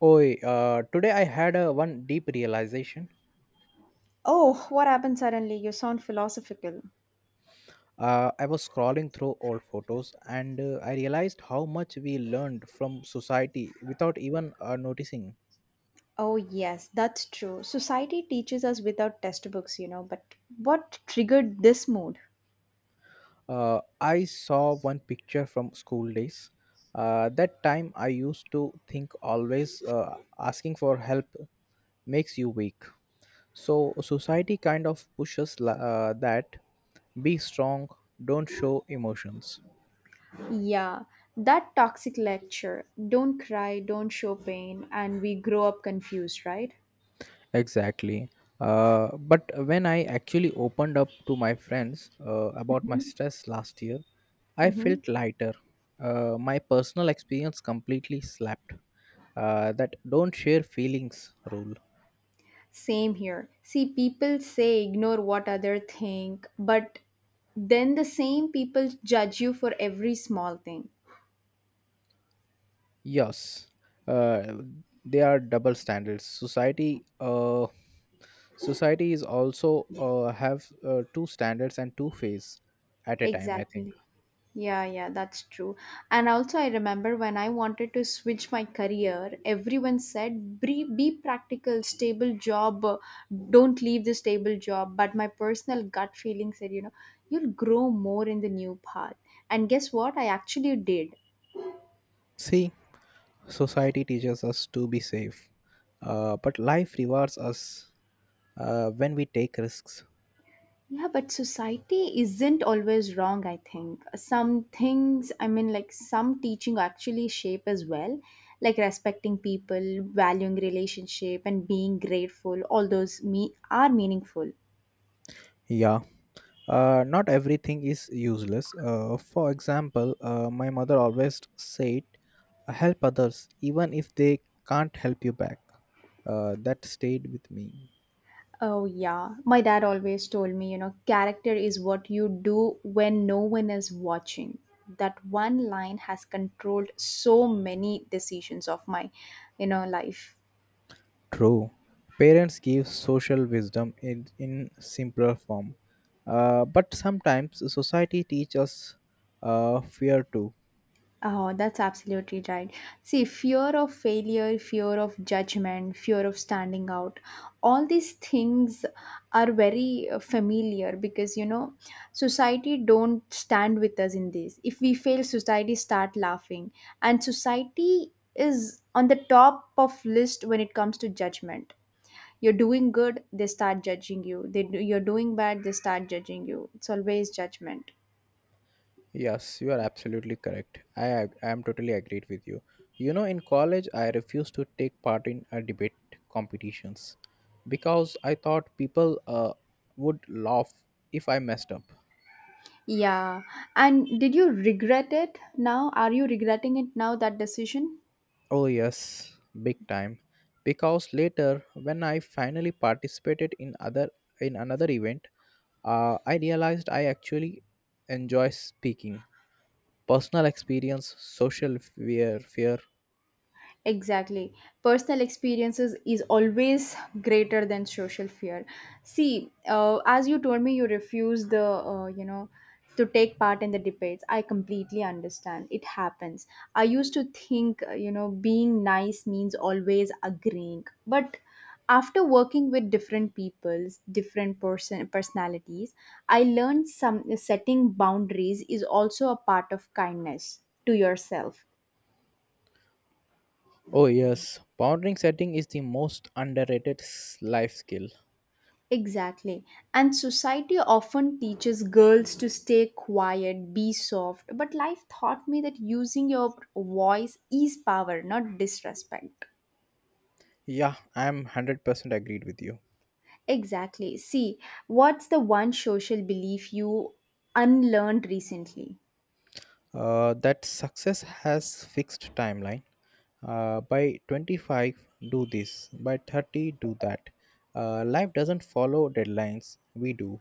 Oi, today I had one deep realization. Oh, what happened suddenly? You sound philosophical. I was scrolling through old photos and I realized how much we learned from society without even noticing. Oh, yes, that's true. Society teaches us without test books, but what triggered this mood? I saw one picture from school days. That time I used to think always asking for help makes you weak. So society kind of pushes that be strong, don't show emotions. Yeah, that toxic lecture don't cry, don't show pain, and we grow up confused, right? Exactly. But when I actually opened up to my friends about my stress last year, I Mm-hmm. felt lighter. My personal experience completely slapped that don't share feelings rule. Same here. See, people say ignore what other think, but then the same people judge you for every small thing. Yes, uh, they are double standards. Society is also have two standards and two phase at a time, I think. Exactly. Yeah, yeah, that's true. And also, I remember when I wanted to switch my career, everyone said, be practical, stable job, don't leave the stable job. But my personal gut feeling said, you'll grow more in the new path. And guess what? I actually did. See, society teaches us to be safe, but life rewards us when we take risks. Yeah, but society isn't always wrong, I think. Some things, I mean, like some teaching actually shape as well, like respecting people, valuing relationship, and being grateful. All those me are meaningful. Yeah, not everything is useless. For example, my mother always said, "Help others, even if they can't help you back." That stayed with me. Oh, yeah. My dad always told me, character is what you do when no one is watching. That one line has controlled so many decisions of my life. True. Parents give social wisdom in simpler form. But sometimes society teaches fear too. Oh, that's absolutely right. See, fear of failure, fear of judgment, fear of standing out, all these things are very familiar because society don't stand with us in this. If we fail, society start laughing, and society is on the top of list when it comes to judgment. You're doing good, they start judging you. They do, you're doing bad, they start judging you. It's always judgment. Yes, you are absolutely correct. I am totally agreed with you. You know, in college, I refused to take part in a debate competitions because I thought people would laugh if I messed up. Yeah. And did you regret it now? Are you regretting it now, that decision? Oh, yes, big time. Because later, when I finally participated in another event, I realized I actually enjoy speaking. Personal experience, social fear, fear. Exactly. Personal experiences is always greater than social fear. See, as you told me, you refuse the, to take part in the debates. I completely understand. It happens. I used to think, being nice means always agreeing. But after working with different peoples, different personalities, I learned some setting boundaries is also a part of kindness to yourself. Oh, yes, boundary setting is the most underrated life skill. Exactly. And society often teaches girls to stay quiet, be soft, but life taught me that using your voice is power, not disrespect. Yeah, I'm 100% agreed with you. Exactly. See, what's the one social belief you unlearned recently? That success has fixed timeline. By 25, do this. By 30, do that. Life doesn't follow deadlines, we do.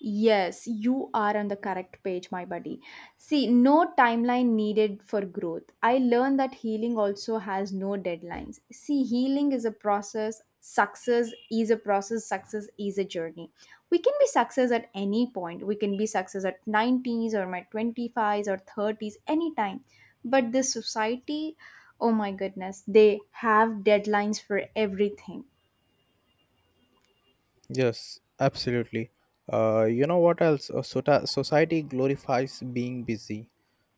Yes, you are on the correct page, my buddy. See, no timeline needed for growth. I learned that healing also has no deadlines. See, healing is a process, success is a process, success is a journey. We can be success at any point. We can be success at 90s or my 25s or 30s, anytime. But this society, oh my goodness, they have deadlines for everything. Yes, absolutely. You know what else? Society glorifies being busy.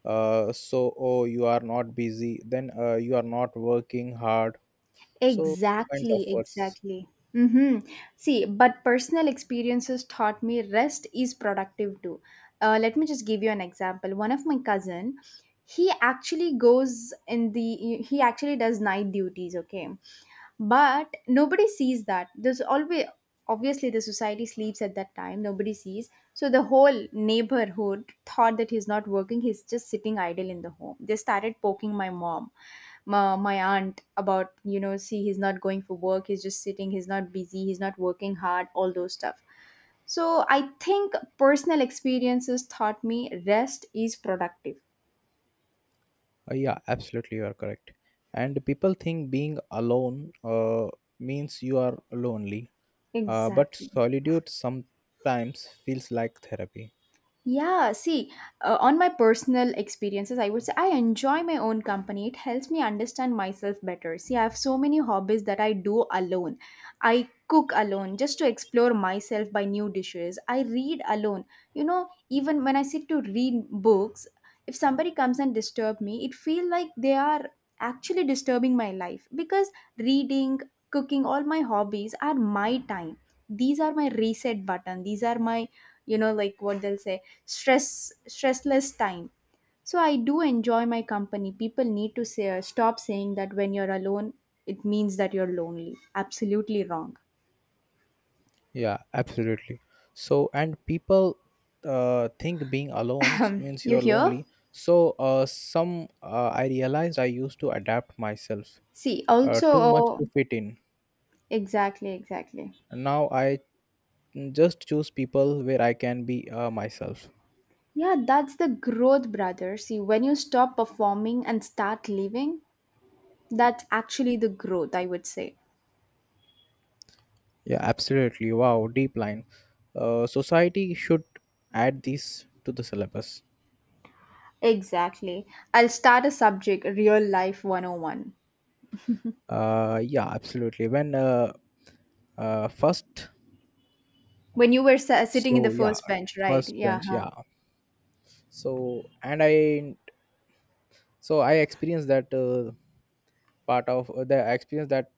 So, oh, you are not busy, then you are not working hard. So kinds of Exactly, words. exactly. Mm-hmm. See, but personal experiences taught me rest is productive too. Let me just give you an example. One of my cousin, he actually does night duties. Okay, but nobody sees that. There's always obviously the society sleeps at that time. Nobody sees. So the whole neighborhood thought that he's not working. He's just sitting idle in the home. They started poking my mom, my aunt about see, he's not going for work, he's just sitting, he's not busy, he's not working hard, all those stuff. So I think personal experiences taught me rest is productive. Yeah, absolutely, you are correct. And people think being alone means you are lonely, but Exactly. solitude sometimes feels like therapy. Yeah, see, on my personal experiences, I would say I enjoy my own company. It helps me understand myself better. See, I have so many hobbies that I do alone. I cook alone just to explore myself by new dishes. I read alone. You know, even when I sit to read books, if somebody comes and disturb me, it feel like they are actually disturbing my life, because reading, cooking, all my hobbies are my time. These are my reset button. These are my, you know, like what they'll say, stressless time. So I do enjoy my company. People need to say stop saying that when you're alone, it means that you're lonely. Absolutely wrong. Yeah, absolutely. So, and people think being alone means you You are hear? lonely. So, some I realized I used to adapt myself See also, too much oh, to fit in. exactly, exactly. Now I just choose people where I can be myself. Yeah, that's the growth, brother. See, when you stop performing and start living, that's actually the growth, I would say. Yeah, absolutely. Wow, deep line. Society should add these to the syllabus. Exactly. I'll start a subject, Real Life 101. Yeah, absolutely. Uh, first, When you were sitting in so the yeah, first bench, right? first Yeah, bench, huh. yeah. So and I, so I experienced that part of the experience that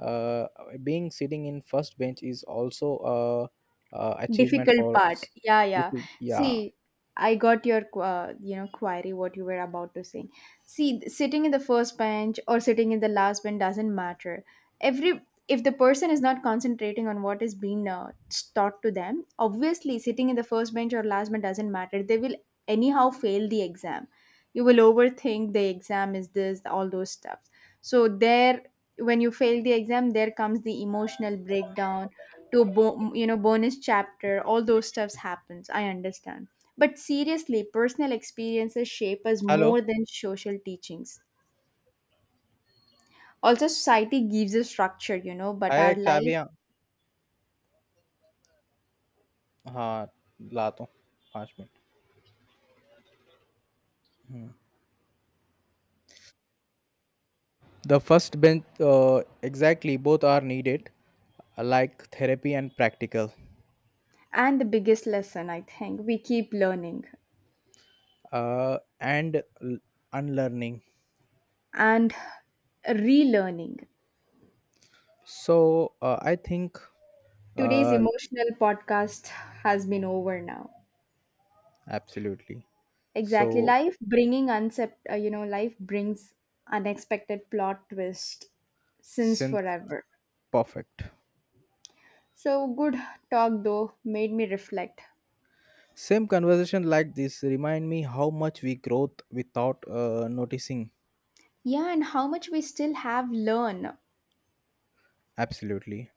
uh, being sitting in first bench is also a, achievement Difficult part, yeah, if yeah. we- yeah. See, I got your you know, query what you were about to say. See, sitting in the first bench or sitting in the last bench doesn't matter. Every, if the person is not concentrating on what is being taught to them, obviously sitting in the first bench or last bench doesn't matter. They will anyhow fail the exam. You will overthink the exam is this, all those stuff. So there, when you fail the exam, there comes the emotional breakdown, you know, bonus chapter, all those stuffs happens. I understand, but seriously, personal experiences shape us Hello. more than social teachings. Also, society gives a structure, you know, but Hi, our life, चाबियाँ हाँ लाता हूँ पाँच minute. The first bench, exactly, both are needed, like therapy and practical, and the biggest lesson, I think, we keep learning uh, and l- unlearning. and relearning. So I think Today's uh, emotional podcast has been over now. absolutely. Exactly, So life bringing uncept you know, life brings unexpected plot twist since since forever. perfect, So good talk, though, made me reflect. same conversation like this remind me how much we growth without noticing. Yeah, and how much we still have learn. Absolutely.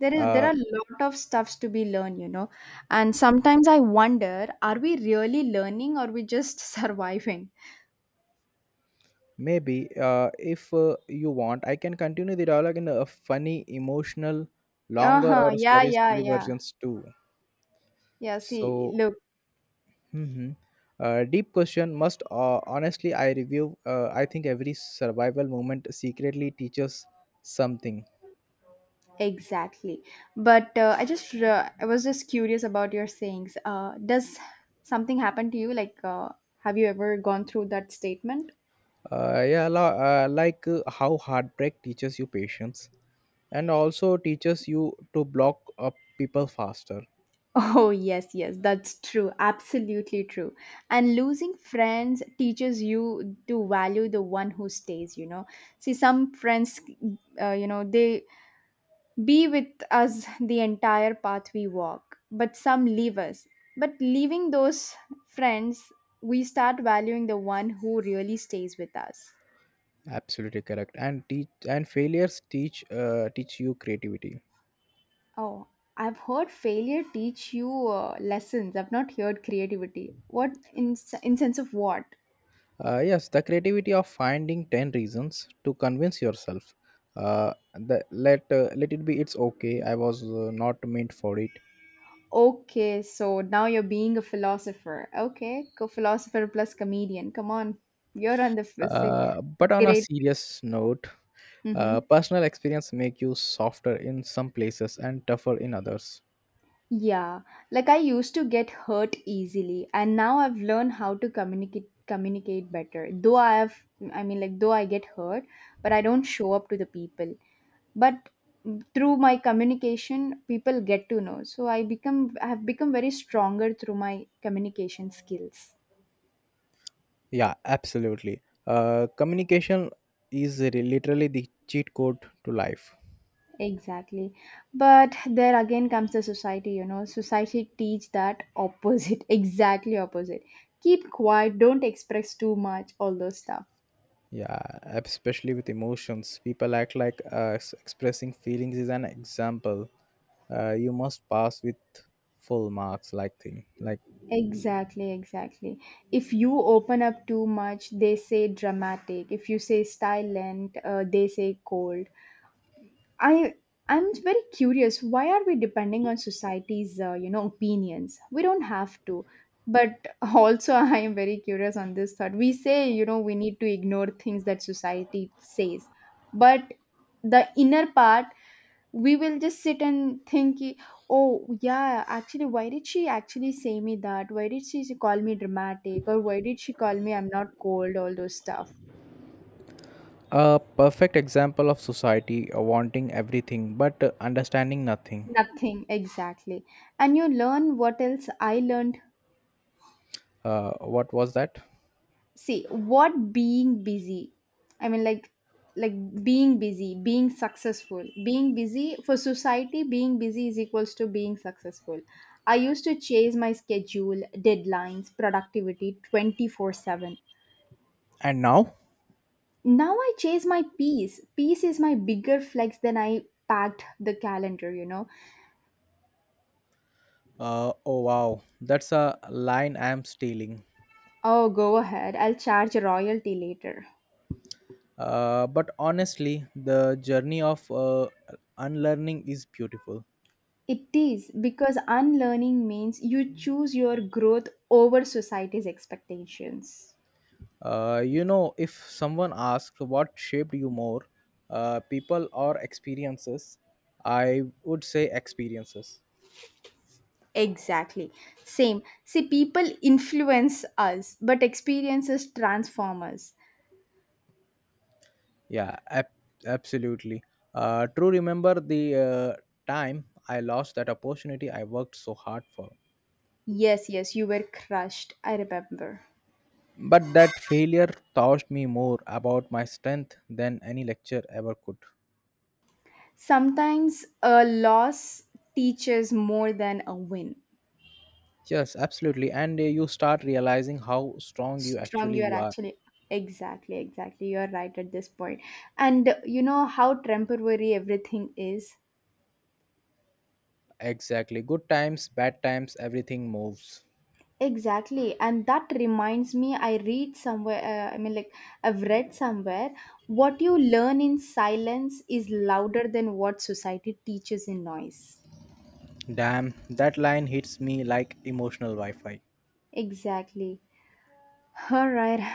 There Uh, are a lot of stuffs to be learned, you know. And sometimes I wonder, are we really learning or we just surviving? Maybe if you want, I can continue the dialogue in a funny, emotional, longer, or Uh-huh. Yeah, story yeah, yeah. versions too. Yeah, see, So, look, hmm deep question. Must honestly, I review. I think every survival moment secretly teaches something. exactly. But I was just curious about your sayings. Does something happen to you, like have you ever gone through that statement? Yeah, like how heartbreak teaches you patience, and also teaches you to block up people faster. Oh, yes, yes, that's true. Absolutely true. And losing friends teaches you to value the one who stays, you know. See, some friends, you know, they be with us the entire path we walk, but some leave us. But leaving those friends, we start valuing the one who really stays with us. Absolutely correct. And failures teach you creativity. Oh, I've heard failure teach you lessons. I've not heard creativity. What in sense of what? Yes, the creativity of finding 10 reasons to convince yourself. Let it be, it's okay, I was not meant for it. Okay, so now you're being a philosopher. Okay, co philosopher plus comedian. Come on, you're on the f- say, But on a great. serious note, Mm-hmm. personal experience make you softer in some places and tougher in others. Yeah, like I used to get hurt easily, and now I've learned how to communicate better. Though I have, I mean, like though I get hurt, but I don't show up to the people. But through my communication, people get to know. So I have become very stronger through my communication skills. Yeah, absolutely. Communication is literally the cheat code to life. Exactly. But there again comes the society, you know. Society teach that opposite, exactly opposite. Keep quiet, don't express too much, all those stuff. Yeah, especially with emotions. People act like expressing feelings is an example. You must pass with full marks, like thing. Like Exactly, exactly. If you open up too much, they say dramatic. If you say silent, they say cold. I I'm very curious. Why are we depending on society's you know, opinions? We don't have to. But also, I am very curious on this thought. We say, you know, we need to ignore things that society says, but the inner part, we will just sit and think ki, oh yeah, actually why did she actually say me that, why did she call me dramatic, or why did she call me, I'm not cold, all those stuff. a perfect example of society wanting everything but understanding nothing. Nothing, exactly. And you learn, what else I learned. What was that? See, what being busy, I mean, like like being busy, being successful, being busy for society, being busy is equals to being successful. I used to chase my schedule, deadlines, productivity 24/7. And now? Now I chase my peace. Peace is my bigger flex than I packed the calendar, you know. Oh wow, that's a line I am stealing. Oh, go ahead, I'll charge royalty later. But honestly, the journey of unlearning is beautiful. It is because unlearning means you choose your growth over society's expectations. You know, if someone asks what shaped you more, people or experiences, I would say experiences. Exactly. Same. See, people influence us, but experiences transform us. Yeah, ab- Absolutely. True, remember the time I lost that opportunity I worked so hard for. Yes, yes, you were crushed. I remember. But that failure taught me more about my strength than any lecture ever could. Sometimes a loss teaches more than a win. Yes, absolutely. And you start realizing how strong you Strong, actually you are you are. actually. Exactly, exactly. You're right at this point. And you know how temporary everything is? Exactly. Good times, bad times, everything moves. Exactly, and that reminds me. I read somewhere. I mean, like I've read somewhere. What you learn in silence is louder than what society teaches in noise. Damn, that line hits me like emotional Wi Fi. Exactly. All right.